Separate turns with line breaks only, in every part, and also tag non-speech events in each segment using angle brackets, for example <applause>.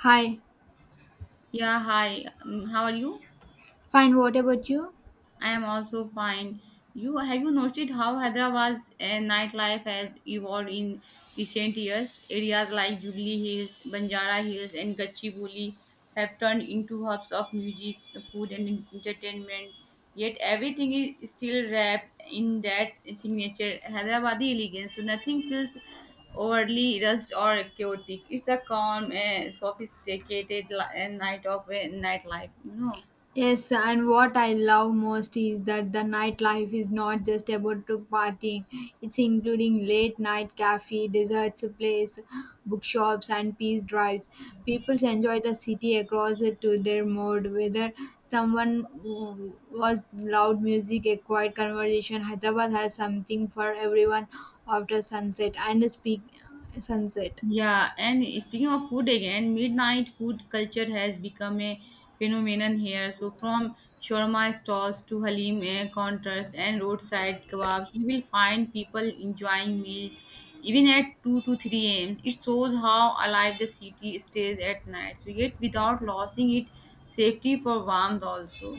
Hi,
Yeah, hi. How are you?
fine. What about you?
I am also fine. You have you noticed how Hyderabad's nightlife has evolved in recent years? Areas like Jubilee Hills, Banjara Hills, and Gachibowli have turned into hubs of music, food, and entertainment. Yet everything is still wrapped in that signature Hyderabadi elegance. So nothing feels overly rushed or chaotic. It's a calm, sophisticated night of nightlife.
Yes, and what I love most is that the nightlife is not just about to partying. It's including late night cafe, desserts place, bookshops, and peace drives. People enjoy the city across it to their mode. Whether someone was loud music, a quiet conversation, Hyderabad has something for everyone after sunset and speak sunset.
Yeah, and speaking of food again, midnight food culture has become a phenomenon here. So, from shawarma stalls to halim counters and roadside kebabs, you will find people enjoying meals even at 2 to 3 a.m. It shows how alive the city stays at night, so yet without losing its safety for warmth also.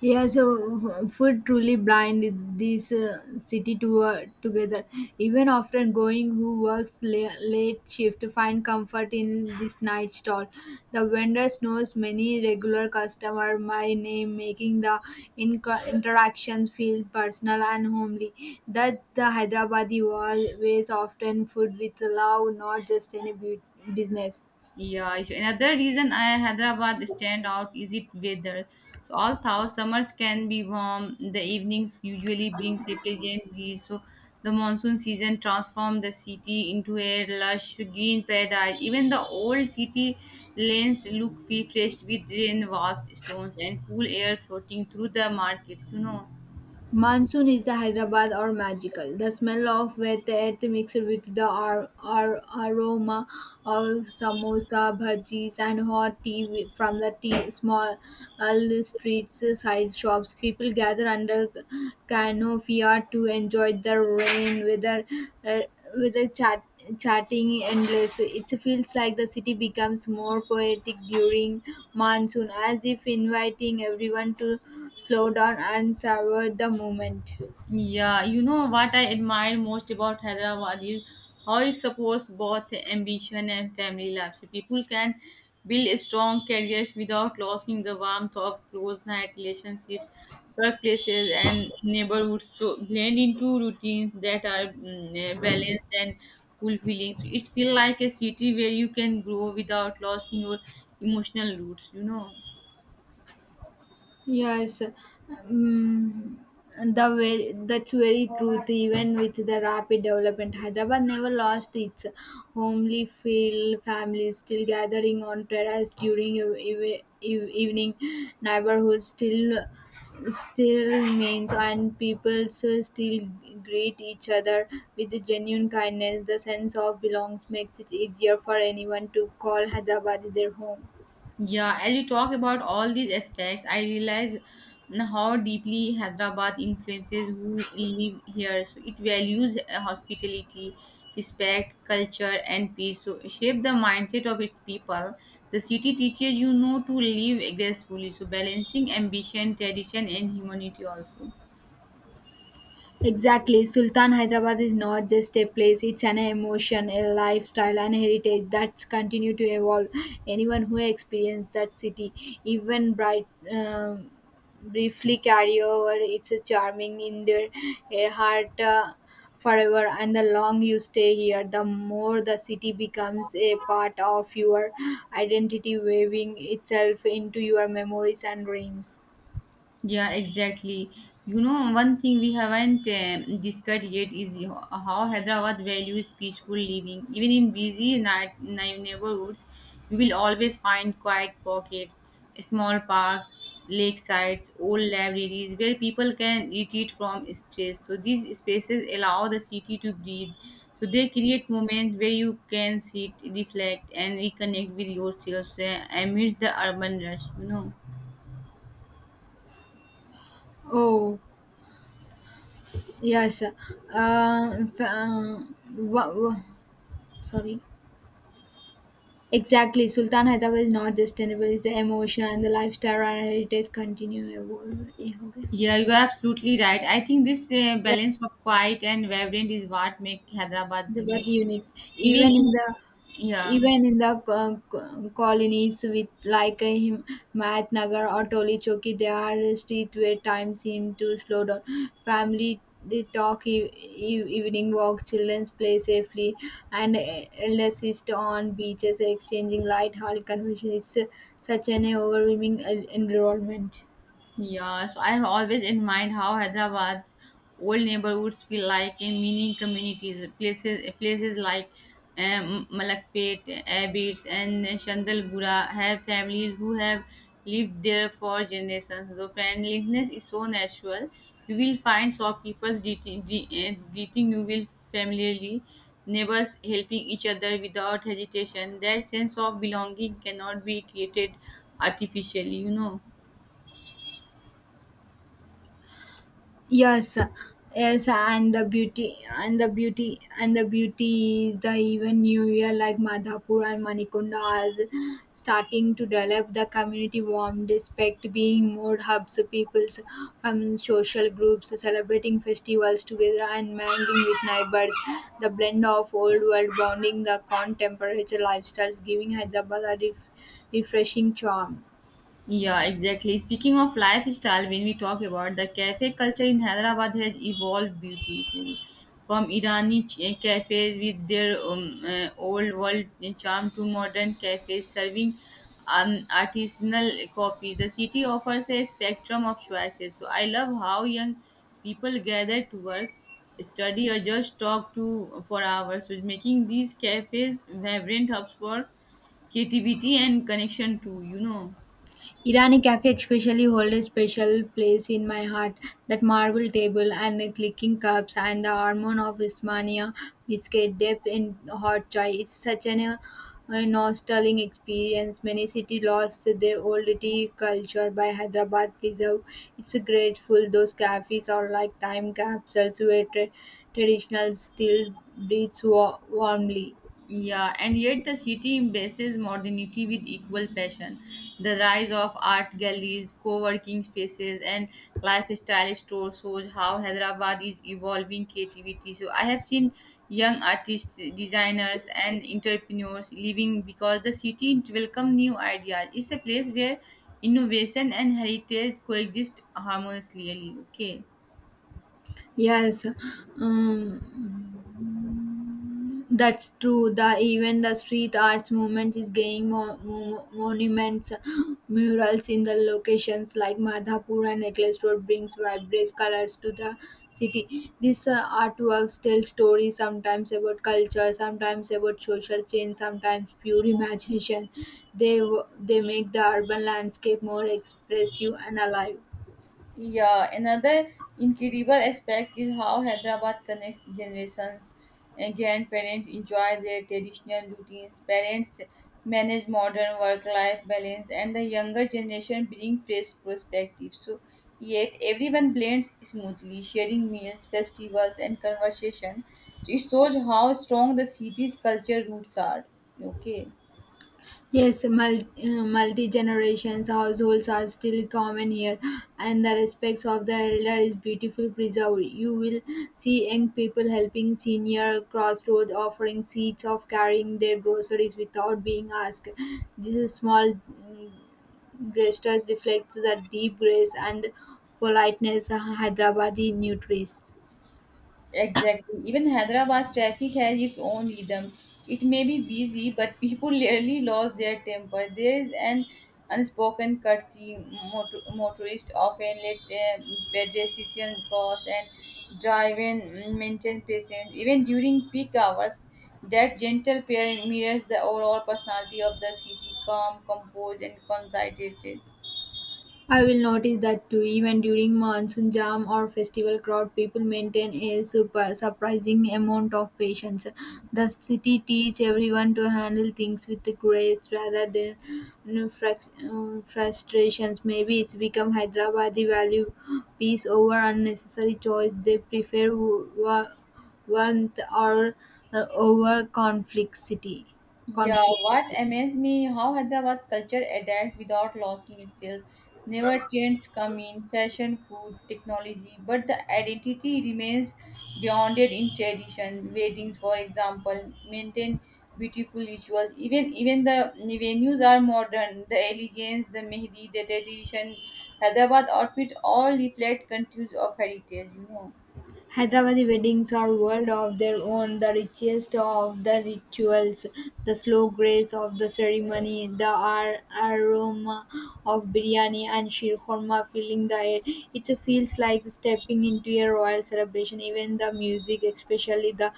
Yeah, so food truly blind this city to together. Even after going, who works late shift find comfort in this night stall. The vendor knows many regular customer by name, making the interactions feel personal and homely. That the Hyderabadi was ways often food with love, not just any business.
Yeah, so another reason I Hyderabad stand out is it weather. So all thou summers can be warm. The evenings usually brings a pleasant breeze. So the monsoon season transforms the city into a lush green paradise. Even the old city lanes look refreshed with rain washed stones and cool air floating through the markets.
Monsoon is the Hyderabad or magical. The smell of wet earth mixed with the aroma of samosa, bhajis, and hot tea from the tea small uh, streets, side shops. People gather under canopia to enjoy the rain weather, uh, weather chatting endless. It feels like the city becomes more poetic during monsoon, as if inviting everyone to slow down and savor the moment.
Yeah, you know what I admire most about Hyderabad is how it supports both ambition and family life. So people can build strong careers without losing the warmth of close night relationships, workplaces, and neighborhoods. So blend into routines that are balanced and fulfilling. So it feels like a city where you can grow without losing your emotional roots.
Yes, um, that's very truth. Even with the rapid development, Hyderabad never lost its homely feel. Families still gathering on terrace during evening. Neighborhoods still means and people still greet each other with genuine kindness. The sense of belongs makes it easier for anyone to call Hyderabad their home.
Yeah, as we talk about all these aspects, I realize how deeply Hyderabad influences who live here. So it values hospitality, respect, culture, and peace. So shape the mindset of its people. The city teaches you know to live gracefully. So balancing ambition, tradition, and humanity also.
Exactly. Sultan Hyderabad is not just a place, it's an emotion, a lifestyle, and heritage that's continue to evolve. Anyone who experienced that city, even bright, briefly carry over its charming in their heart forever. And the long you stay here, the more the city becomes a part of your identity, weaving itself into your memories and dreams.
Yeah, exactly. You know, one thing we haven't discussed yet is how Hyderabad values peaceful living. Even in busy night neighborhoods, you will always find quiet pockets, small parks, lakesides, old libraries where people can retreat from stress. So these spaces allow the city to breathe. So they create moments where you can sit, reflect, and reconnect with yourselves amidst the urban rush.
Oh. Yes, f- uh, wa- wa- sorry. Exactly, Sultan Hyderabad is not just sustainable; it's the emotion and the lifestyle and heritage continue evolving. Yeah, okay.
Yeah, you are absolutely right. I think this balance of quiet and vibrant is what make Hyderabad
But
unique.
unique
Even
even
in,
in the
yeah.
even in the colonies with like a him Mat Nagar or Toli Choki, there are streets where time seem to slow down. Family they talk evening walk, children play safely, and elder sister on beaches exchanging light-hearted conversation. It's such an overwhelming environment.
Yeah, so I have always in mind how Hyderabad's old neighborhoods feel like in mini communities, places like Malakpet, Abbots, and Chandalgura have families who have lived there for generations. The friendliness is so natural. You will find shopkeepers greeting you will familiarly, neighbors helping each other without hesitation. That sense of belonging cannot be created artificially, you know.
Yes, yes, and the beauty, and the beauty, and the beauty is the even new year like Madhapur and Manikunda are starting to develop the community warm despite being more hubs of peoples from social groups celebrating festivals together and mingling with neighbors. The blend of old world bonding the contemporary lifestyles giving Hyderabad a refreshing charm.
Yeah, exactly. Speaking of lifestyle, when we talk about the cafe culture in Hyderabad has evolved beautifully. From Irani cafes with their old world charm to modern cafes serving artisanal coffee. The city offers a spectrum of choices. So I love how young people gather to work, study, or just talk to for hours, so making these cafes vibrant hubs for creativity and connection too.
Irani cafe especially hold a special place in my heart. That marble table and the clicking cups and the aroma of Ismania biscuit dipped in hot chai. It's such an a nostalgic experience. Many cities lost their old tea culture by Hyderabad preserve. It's grateful those cafes are like time capsules where traditional still breathes warmly.
Yeah, and yet the city embraces modernity with equal passion. The rise of art galleries, co working spaces, and lifestyle stores shows how Hyderabad is evolving creativity. So, I have seen young artists, designers, and entrepreneurs leaving because the city welcomes new ideas. It's a place where innovation and heritage coexist harmoniously. Okay.
Yes, that's true. The even the street arts movement is gaining monuments, murals in the locations like Madhapur and Necklace Road brings vibrant colors to the city. These artworks tell stories sometimes about culture, sometimes about social change, sometimes pure imagination. They make the urban landscape more expressive and alive.
Yeah, another incredible aspect is how Hyderabad connects generations and grandparents enjoy their traditional routines, parents manage modern work life balance, and the younger generation bring fresh perspectives. So, yet everyone blends smoothly, sharing meals, festivals, and conversation. So, it shows how strong the city's culture roots are. Okay.
Yes, multi, Multi-generations households are still common here, and the respects of the elder is beautifully preserved. You will see young people helping senior crossroad, offering seats of carrying their groceries without being asked. This is small gestures reflects the deep grace and politeness Hyderabadi nurtures.
Exactly. Even Hyderabad traffic has its own rhythm. It may be busy, but people <laughs> rarely lose their temper. There is an unspoken courtesy. Motorists often let pedestrians cross and drive and maintain patience. Even during peak hours, that gentle pair mirrors the overall personality of the city calm, composed, and concentrated.
I will notice that too. Even during monsoon jam or festival crowd, people maintain a super surprising amount of patience. The city teach everyone to handle things with grace rather than you frustrations. Maybe it's become Hyderabad value peace over unnecessary choice. They prefer warmth or over conflict city
Yeah,
conflict.
what amazed me how Hyderabad culture adapts without losing itself. Never trends come in fashion, food, technology, but the identity remains grounded in tradition. Weddings, for example, maintain beautiful rituals. Even the venues are modern. The elegance, the mehdi, the tradition, Hyderabad outfits all reflect countries of heritage.
Hyderabadi weddings are world of their own, the richest of the rituals, the slow grace of the ceremony, the aroma of biryani and shirkhorma filling the air. It feels like stepping into a royal celebration. Even the music, especially the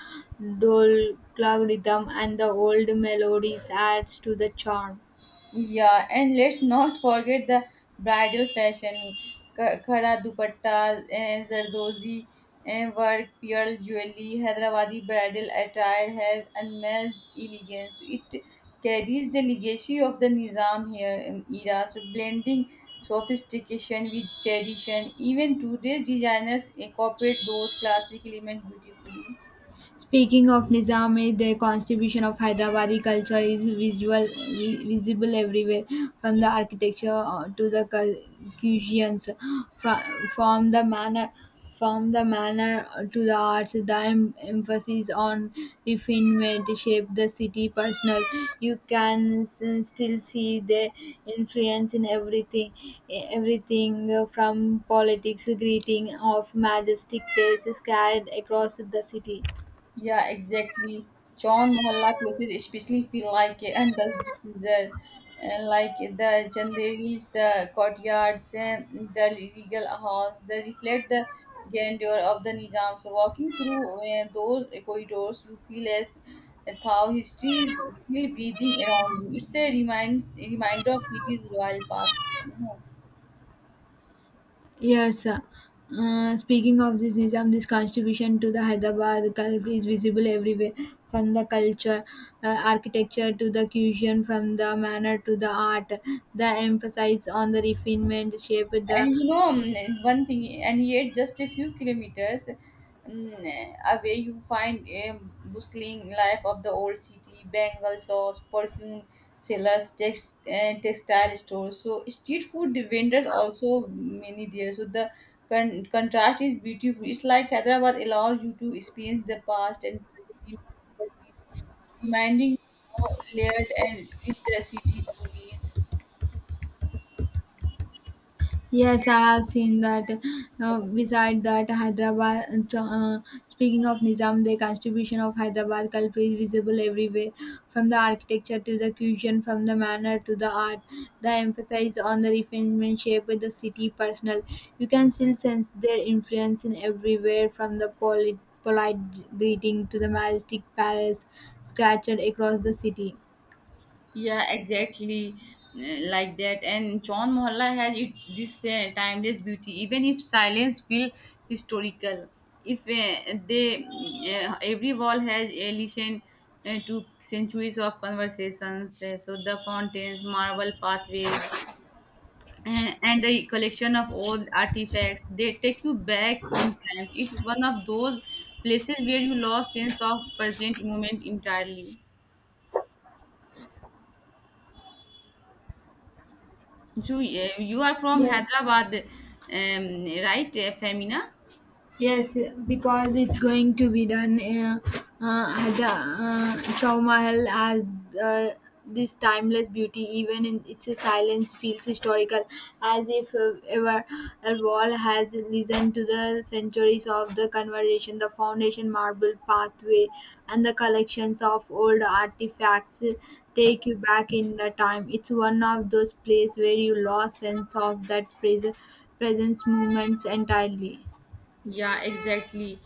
dol clog rhythm and the old melodies, adds to the charm.
Yeah, and let's not forget the bridal fashion, khara dupatta, zardozi work, pearl jewelry, Hyderabadi bridal attire has unmatched elegance. It carries the legacy of the Nizam here era, so blending sophistication with tradition. Even today's designers incorporate those classic elements beautifully.
Speaking of Nizami, the contribution of Hyderabadi culture is visible everywhere, from the architecture to the cuisines, from, from the manner, from the manner to the arts. The emphasis on refinement shaped the city personal. You can still see the influence in everything, everything from politics, greeting of majestic places carried across the city.
Yeah, exactly. John Mohalla places especially feel like and does teaser and like the chandeliers, the courtyards, and the regal halls. They reflect the grandeur of the Nizam. So walking through those corridors, you feel as how history is still breathing around you. It's a reminds a reminder of city's royal past.
Yes. Speaking of this Nizam, this contribution to the Hyderabad culture is visible everywhere, from the culture, architecture to the cuisine, from the manner to the art. The emphasis on the refinement shaped
And
the
you know one thing and yet just a few kilometers away, you find a bustling life of the old city bangle shops, perfume sellers, textile stores, so street food vendors also many there. So the contrast is beautiful. It's like Hyderabad allows you to experience the past and present, reminding you how layered and rich the city truly is.
Yes, I have seen that. Beside that, Hyderabad. Speaking of Nizam, the contribution of Hyderabad culture is visible everywhere, from the architecture to the cuisine, from the manner to the art. The emphasis on the refinement shape with the city personal. You can still sense their influence in everywhere, from the polite greeting to the majestic palace scattered across the city.
Yeah, exactly like that. And John Mohalla has it this timeless beauty. Even if silence feel historical, if they every wall has allusion to centuries of conversations. So the fountains, marble pathways, and the collection of old artifacts, they take you back in time. It's one of those places where you lost sense of present moment entirely. So you are from
Yes.
Hyderabad, right, Femina?
Yes, because it's going to be done. Haja Chow Mahal has uh, this timeless beauty, even in its silence, feels historical, as if ever a wall has listened to the centuries of the conversation, the foundation marble pathway, and the collections of old artifacts take you back in the time. It's one of those places where you lost sense of that present presence moments entirely.
Yeah, exactly.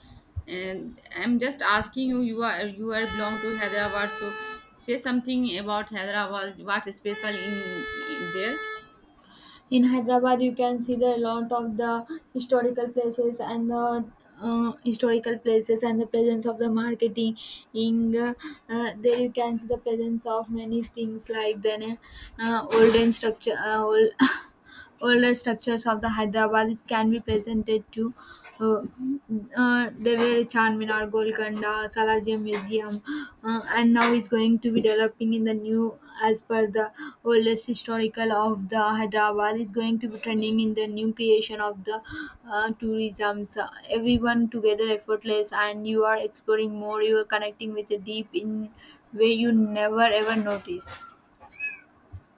And I'm just asking you. You are belong to Hyderabad, so say something about Hyderabad. What's special in there?
In hyderabad you can see the lot of the historical places and the historical places and the presence of the marketing. In There you can see the presence of many things like then old <laughs> older structures of the Hyderabad can be presented to uh, there were Charminar, Golconda, Salarjung Museum, and now it's going to be developing in the new as per the oldest historical of the Hyderabad is going to be trending in the new creation of the tourism. So everyone together effortless, and you are exploring more. You are connecting with a deep in way you never ever notice.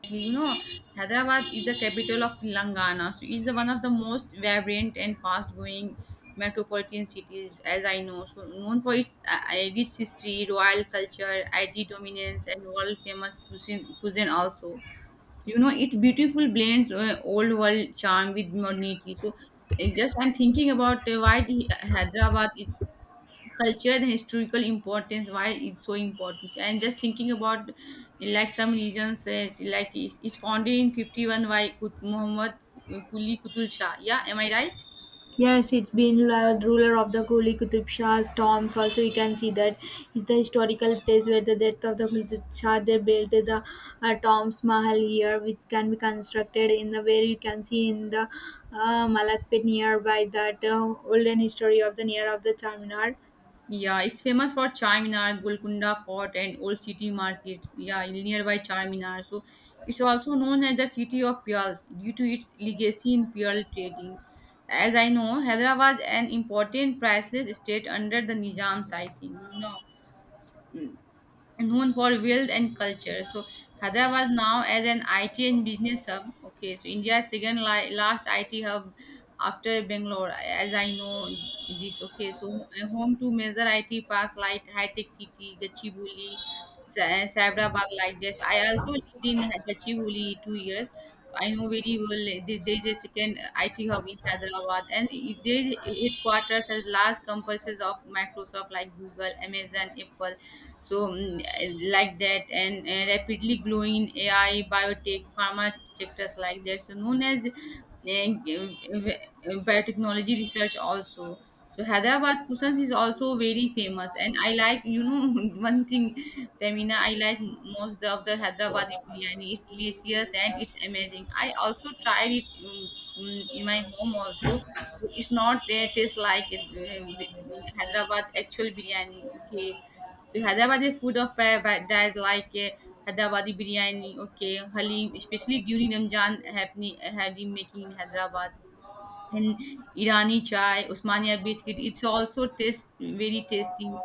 Exactly. You know, Hyderabad is the capital of Telangana, so it's one of the most vibrant and fast-growing metropolitan cities, as I know. So known for its rich history, royal culture, IT dominance, and world-famous cuisine also. You know it beautiful blends old world charm with modernity. So it's just I'm thinking about why the Hyderabad it, culture and historical importance, why it's so important, and just thinking about like some regions like it's founded in 51 by Muhammad quli kutul shah, yeah, am I right?
Yes, it's been ruler of the Kuli Kutub Shah's tombs. Also, you can see that it's the historical place where the death of the Kutub Shah they built the tombs Mahal here, which can be constructed in the where you can see in the Malakpet nearby that olden history of the near of the Charminar.
Yeah, it's famous for Charminar, Golconda Fort, and old city markets. Yeah, nearby Charminar. So it's also known as the city of pearls due to its legacy in pearl trading. As I know, Hyderabad was an important priceless state under the Nizams, I think. You know, mm, known for wealth and culture. So Hyderabad now as an IT and business hub. Okay, so India's second last IT hub after Bangalore, as I know this. Okay, so a home to major IT parks like High Tech City, Gachibowli, Sabirabad, like this. I also lived in Gachibowli 2 years. I know very well there is a second IT hub in Hyderabad, and it- there is headquarters as large campuses of Microsoft like Google, Amazon, Apple, so like that, and rapidly growing in AI biotech pharma sectors like that. So known as and, biotechnology research also. So Hyderabad Kusans is also very famous, and I like you know <laughs> one thing, Femina. I like most of the Hyderabadi biryani. It's delicious and it's amazing. I also tried it in my home also. But it's not taste like it, Hyderabad actual biryani. Okay, so Hyderabadi food of paradise like Hyderabadi biryani, okay, Halim, especially during Ramzan happening, Halim making in Hyderabad. And Irani chai, Osmania biscuit. It's also taste very tasty.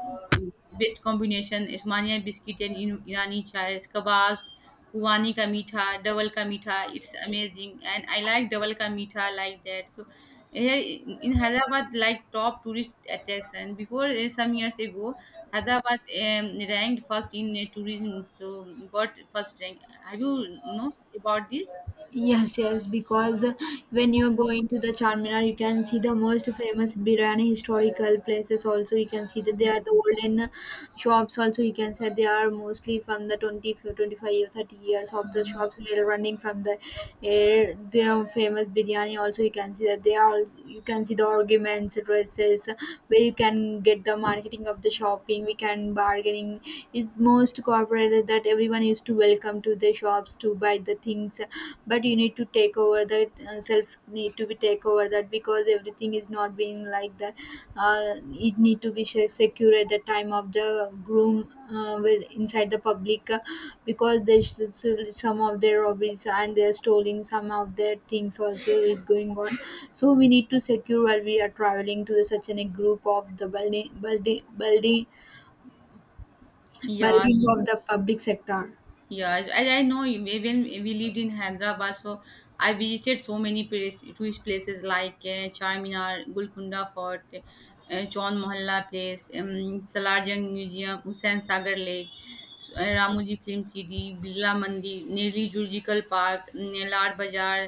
Best combination Osmania biscuit and Irani chai, kebabs, Kuwani ka meetha, double ka meetha. It's amazing, and I like double ka meetha like that. So here in Hyderabad, like top tourist attraction. Before some years ago, Hyderabad ranked first in tourism, so got first rank. Have you know about this?
Yes, yes, because when you're going to the Charminar, you can see the most famous Birani historical places. Also, you can see that they are the olden shops. Also you can say they are mostly from the 20 25 or 30 years of the shops they are running from the air. Their famous biryani also you can see that they are also, you can see the arguments dresses, where you can get the marketing of the shopping we can bargaining is most corporate that everyone is to welcome to the shops to buy the things, but you need to take over that self need to be take over that because everything is not being like that. uh, it need to be secure at the time of the groom with inside the public because they some of their robberies and they're stealing some of their things also is going on. So we need to secure while we are traveling to the such an a group of the building building building
Yeah,
building
so
of the public sector.
yeah, I know you- when we lived in Hyderabad, so I visited so many place, tourist places like Charminar, Golconda Fort, John Mohalla Place, Salarjung Museum, Hussain Sagar Lake, Ramoji film city Birla Mandir Nehru zoological park नेलार bazaar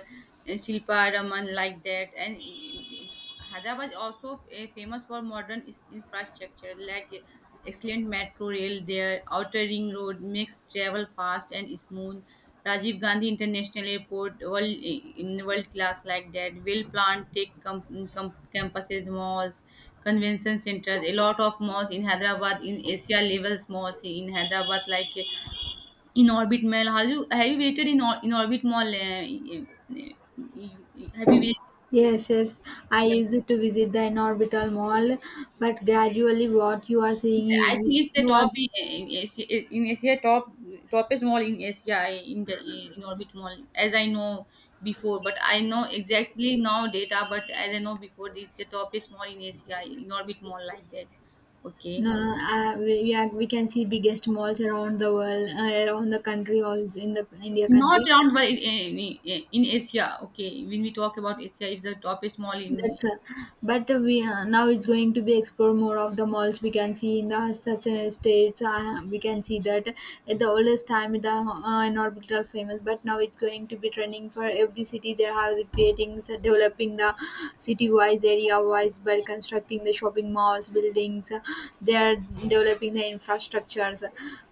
Shilpa raman like that. And Hyderabad also famous for modern infrastructure like excellent metro rail there, outer ring road makes travel fast and smooth, Rajiv Gandhi International Airport, world in world class like that. Will plant take campuses, malls, convention centers. A lot of malls in Hyderabad, in Asia levels malls in Hyderabad, like in Orbit Mall. Have you visited in in Orbit Mall? Uh, have you visited?
Yes, yes. I used to visit the in-orbital mall, but gradually, what you are seeing, you
I think
you
it's the
you are,
top in Asia top toppest mall in Asia in the in Orbit Mall as I know before, but I know exactly now data, but as I know before, it's the toppest mall in Asia in Orbit Mall like that. Okay,
no, no, we are, we can see biggest malls around the world, around the country, also in the India
not
country.
around but in Asia. Okay, when we talk about Asia, it's the toppest mall in.
That's a, but we now it's going to be explore more of the malls we can see in the such an estates. We can see that at the oldest time the in orbital famous, but now it's going to be trending for every city. They are creating, so developing the city wise, area wise by constructing the shopping malls, buildings. They are developing the infrastructures.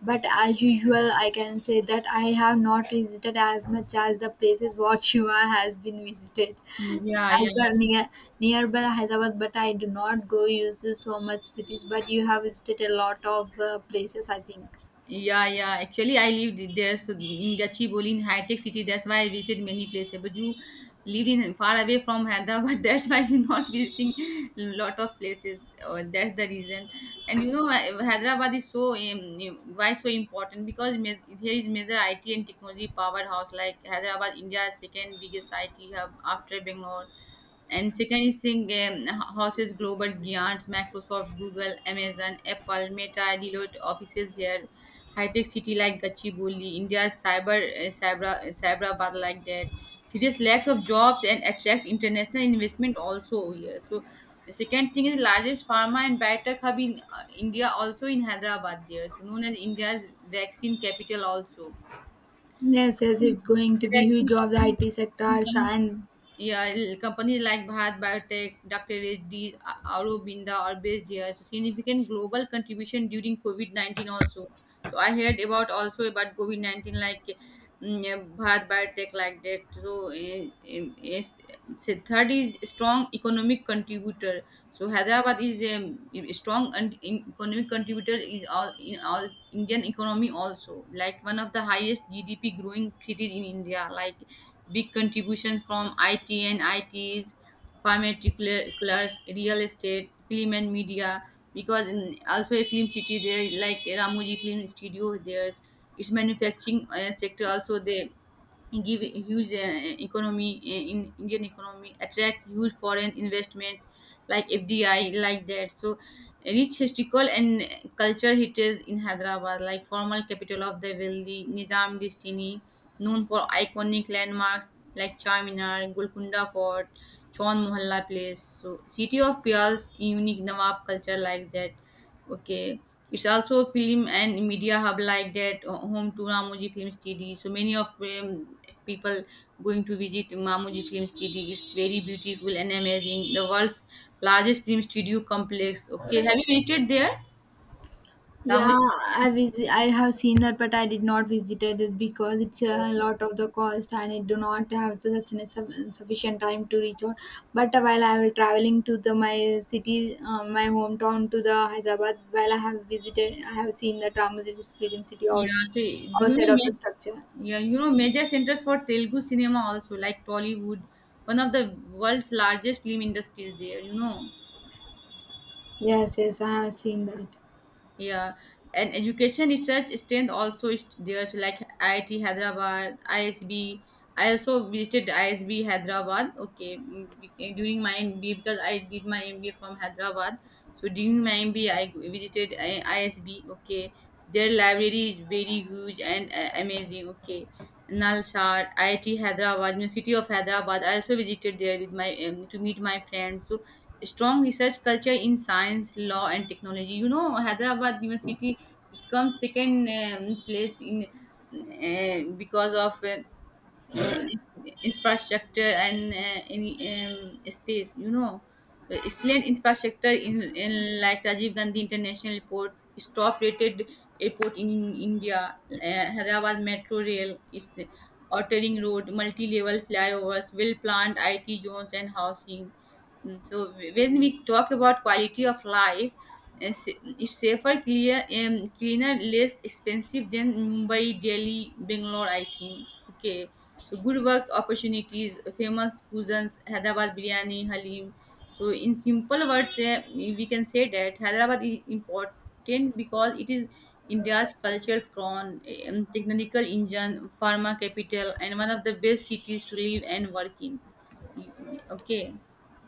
But as usual, I can say that I have not visited as much as the places what <laughs> you are has been visited.
Yeah,
As the
yeah.
near, nearby Hyderabad, but I do not go use so much cities. But you have visited a lot of places, I think.
Yeah, yeah. Actually, I lived there, so in Gachibowli, in high-tech city. That's why I visited many places. But you lived in far away from Hyderabad. <laughs> That's why you're not visiting lot of places. Or that's the reason. And Hyderabad is so why so important because here is major IT and technology powerhouse. Like Hyderabad, India's second biggest IT hub after Bangalore. And second is thing houses global giants Microsoft, Google, Amazon, Apple, Meta, Deloitte offices here, high-tech city like Gachibowli, India's cyber Cyberabad like that. Serious lacks of jobs and attracts international investment also here. So the second thing is largest pharma and biotech hub in India, also in Hyderabad there. So known as India's vaccine capital also.
Yes, yes, it's going to be huge
Vaccine
of the
company,
IT sectors and
yeah, companies like Bharat Biotech, Dr. Reddy, Aurobindo are based here. So significant global contribution during COVID 19 also. So I heard about also about COVID 19 like mm, yeah, Bharat Biotech like that. So so third is strong economic contributor. So Hyderabad is a strong and economic contributor is all in all Indian economy also, like one of the highest GDP growing cities in India, like big contribution from IT and ITs, pharmaceuticals, real estate, film and media, because in, also a film city there like Ramoji Film Studio. There's its manufacturing sector also there, give a huge economy in Indian economy, attracts huge foreign investments like FDI like that. So rich historical and culture heritage in Hyderabad, like formal capital of the wealthy Nizam dynasty, known for iconic landmarks like Charminar, Golconda Fort, Chaun Mohalla Place, so city of pearls, unique Nawab culture like that. Okay. It's also film and media hub like that, home to Ramoji Film Studio. So many of people going to visit Ramoji Film Studio. It's very beautiful and amazing. The world's largest film studio complex. Okay. Have you visited there? Ramoji?
Yeah, I visit. I have seen that, but I did not visited it because it's a lot of the cost, and I do not have such an sufficient time to reach out. But while I was traveling to the my city, my hometown to the Hyderabad, while I have visited, I have seen the Ramoji Film City
Yeah.
also
So you know,
outside of the structure.
yeah, you know, major centers for Telugu cinema also like Tollywood, one of the world's largest film industries there, you know.
Yes, yes, I have seen that.
Yeah, and education research strength also is there. So like IIT Hyderabad, ISB. I also visited ISB Hyderabad. Okay. Mm, during my MBA, because I did my MBA from Hyderabad. So during my MBA, I visited ISB. Okay, their library is very huge and amazing. Okay, Nalsar, IIT Hyderabad, University of Hyderabad. I also visited there with my to meet my friends. So strong research culture in science, law, and technology. You know, Hyderabad University, it comes second place in, because of uh, infrastructure and any space. You know, uh, excellent infrastructure in like Rajiv Gandhi International Airport, is top rated airport in India. Uh, Hyderabad Metro Rail, is the Road, multi-level flyovers, well-planned IT zones and housing. Mm. So when we talk about quality of life, uh, sa- it's safer, clear, cleaner, less expensive than Mumbai, Delhi, Bangalore. I think. Okay, so good work opportunities, famous cuisines, Hyderabad biryani, halim. So in simple words, we can say that Hyderabad is important because it is India's cultural crown, technological engine, pharma capital, and one of the best cities to live and work in. Okay.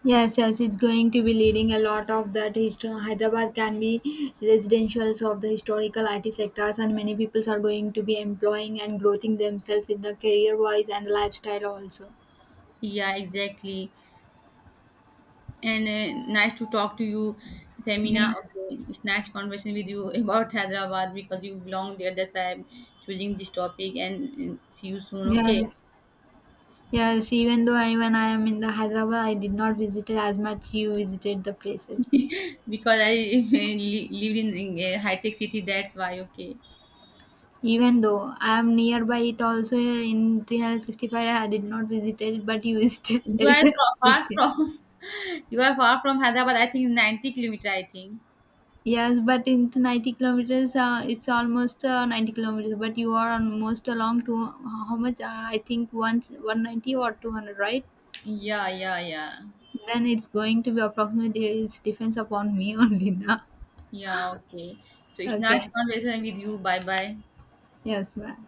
Yes, yes, it's going to be leading a lot of that history. Hyderabad can be residentials of the historical IT sectors, and many peoples are going to be employing and growing themselves in the career wise and the lifestyle also.
Yeah, exactly. And nice to talk to you, Femina.
Yes,
Okay, it's nice conversation with you <laughs> about Hyderabad because you belong there. That's why I'm choosing this topic. And see you soon. Okay,
yes, yes. Even though I, when I am in the Hyderabad, I did not visit it as much. You visited the places.
<laughs> because I <laughs> live in a high tech city. That's why. Okay,
Even though I am nearby it also in 365, I did not visit it, but you visited it <laughs> with
far
you.
from <laughs> you are far from Hyderabad. I think 90 kilometer. I think.
Yes, but in the 90 kilometers, it's almost 90 kilometers, but you are almost along to how much? I think once 190 or 200, right?
Yeah, yeah, yeah,
Then it's going to be approximately, it depends upon me <laughs> only now.
yeah. Okay. So it's nice
Okay.
conversation with you. Bye, bye.
Yes, ma'am.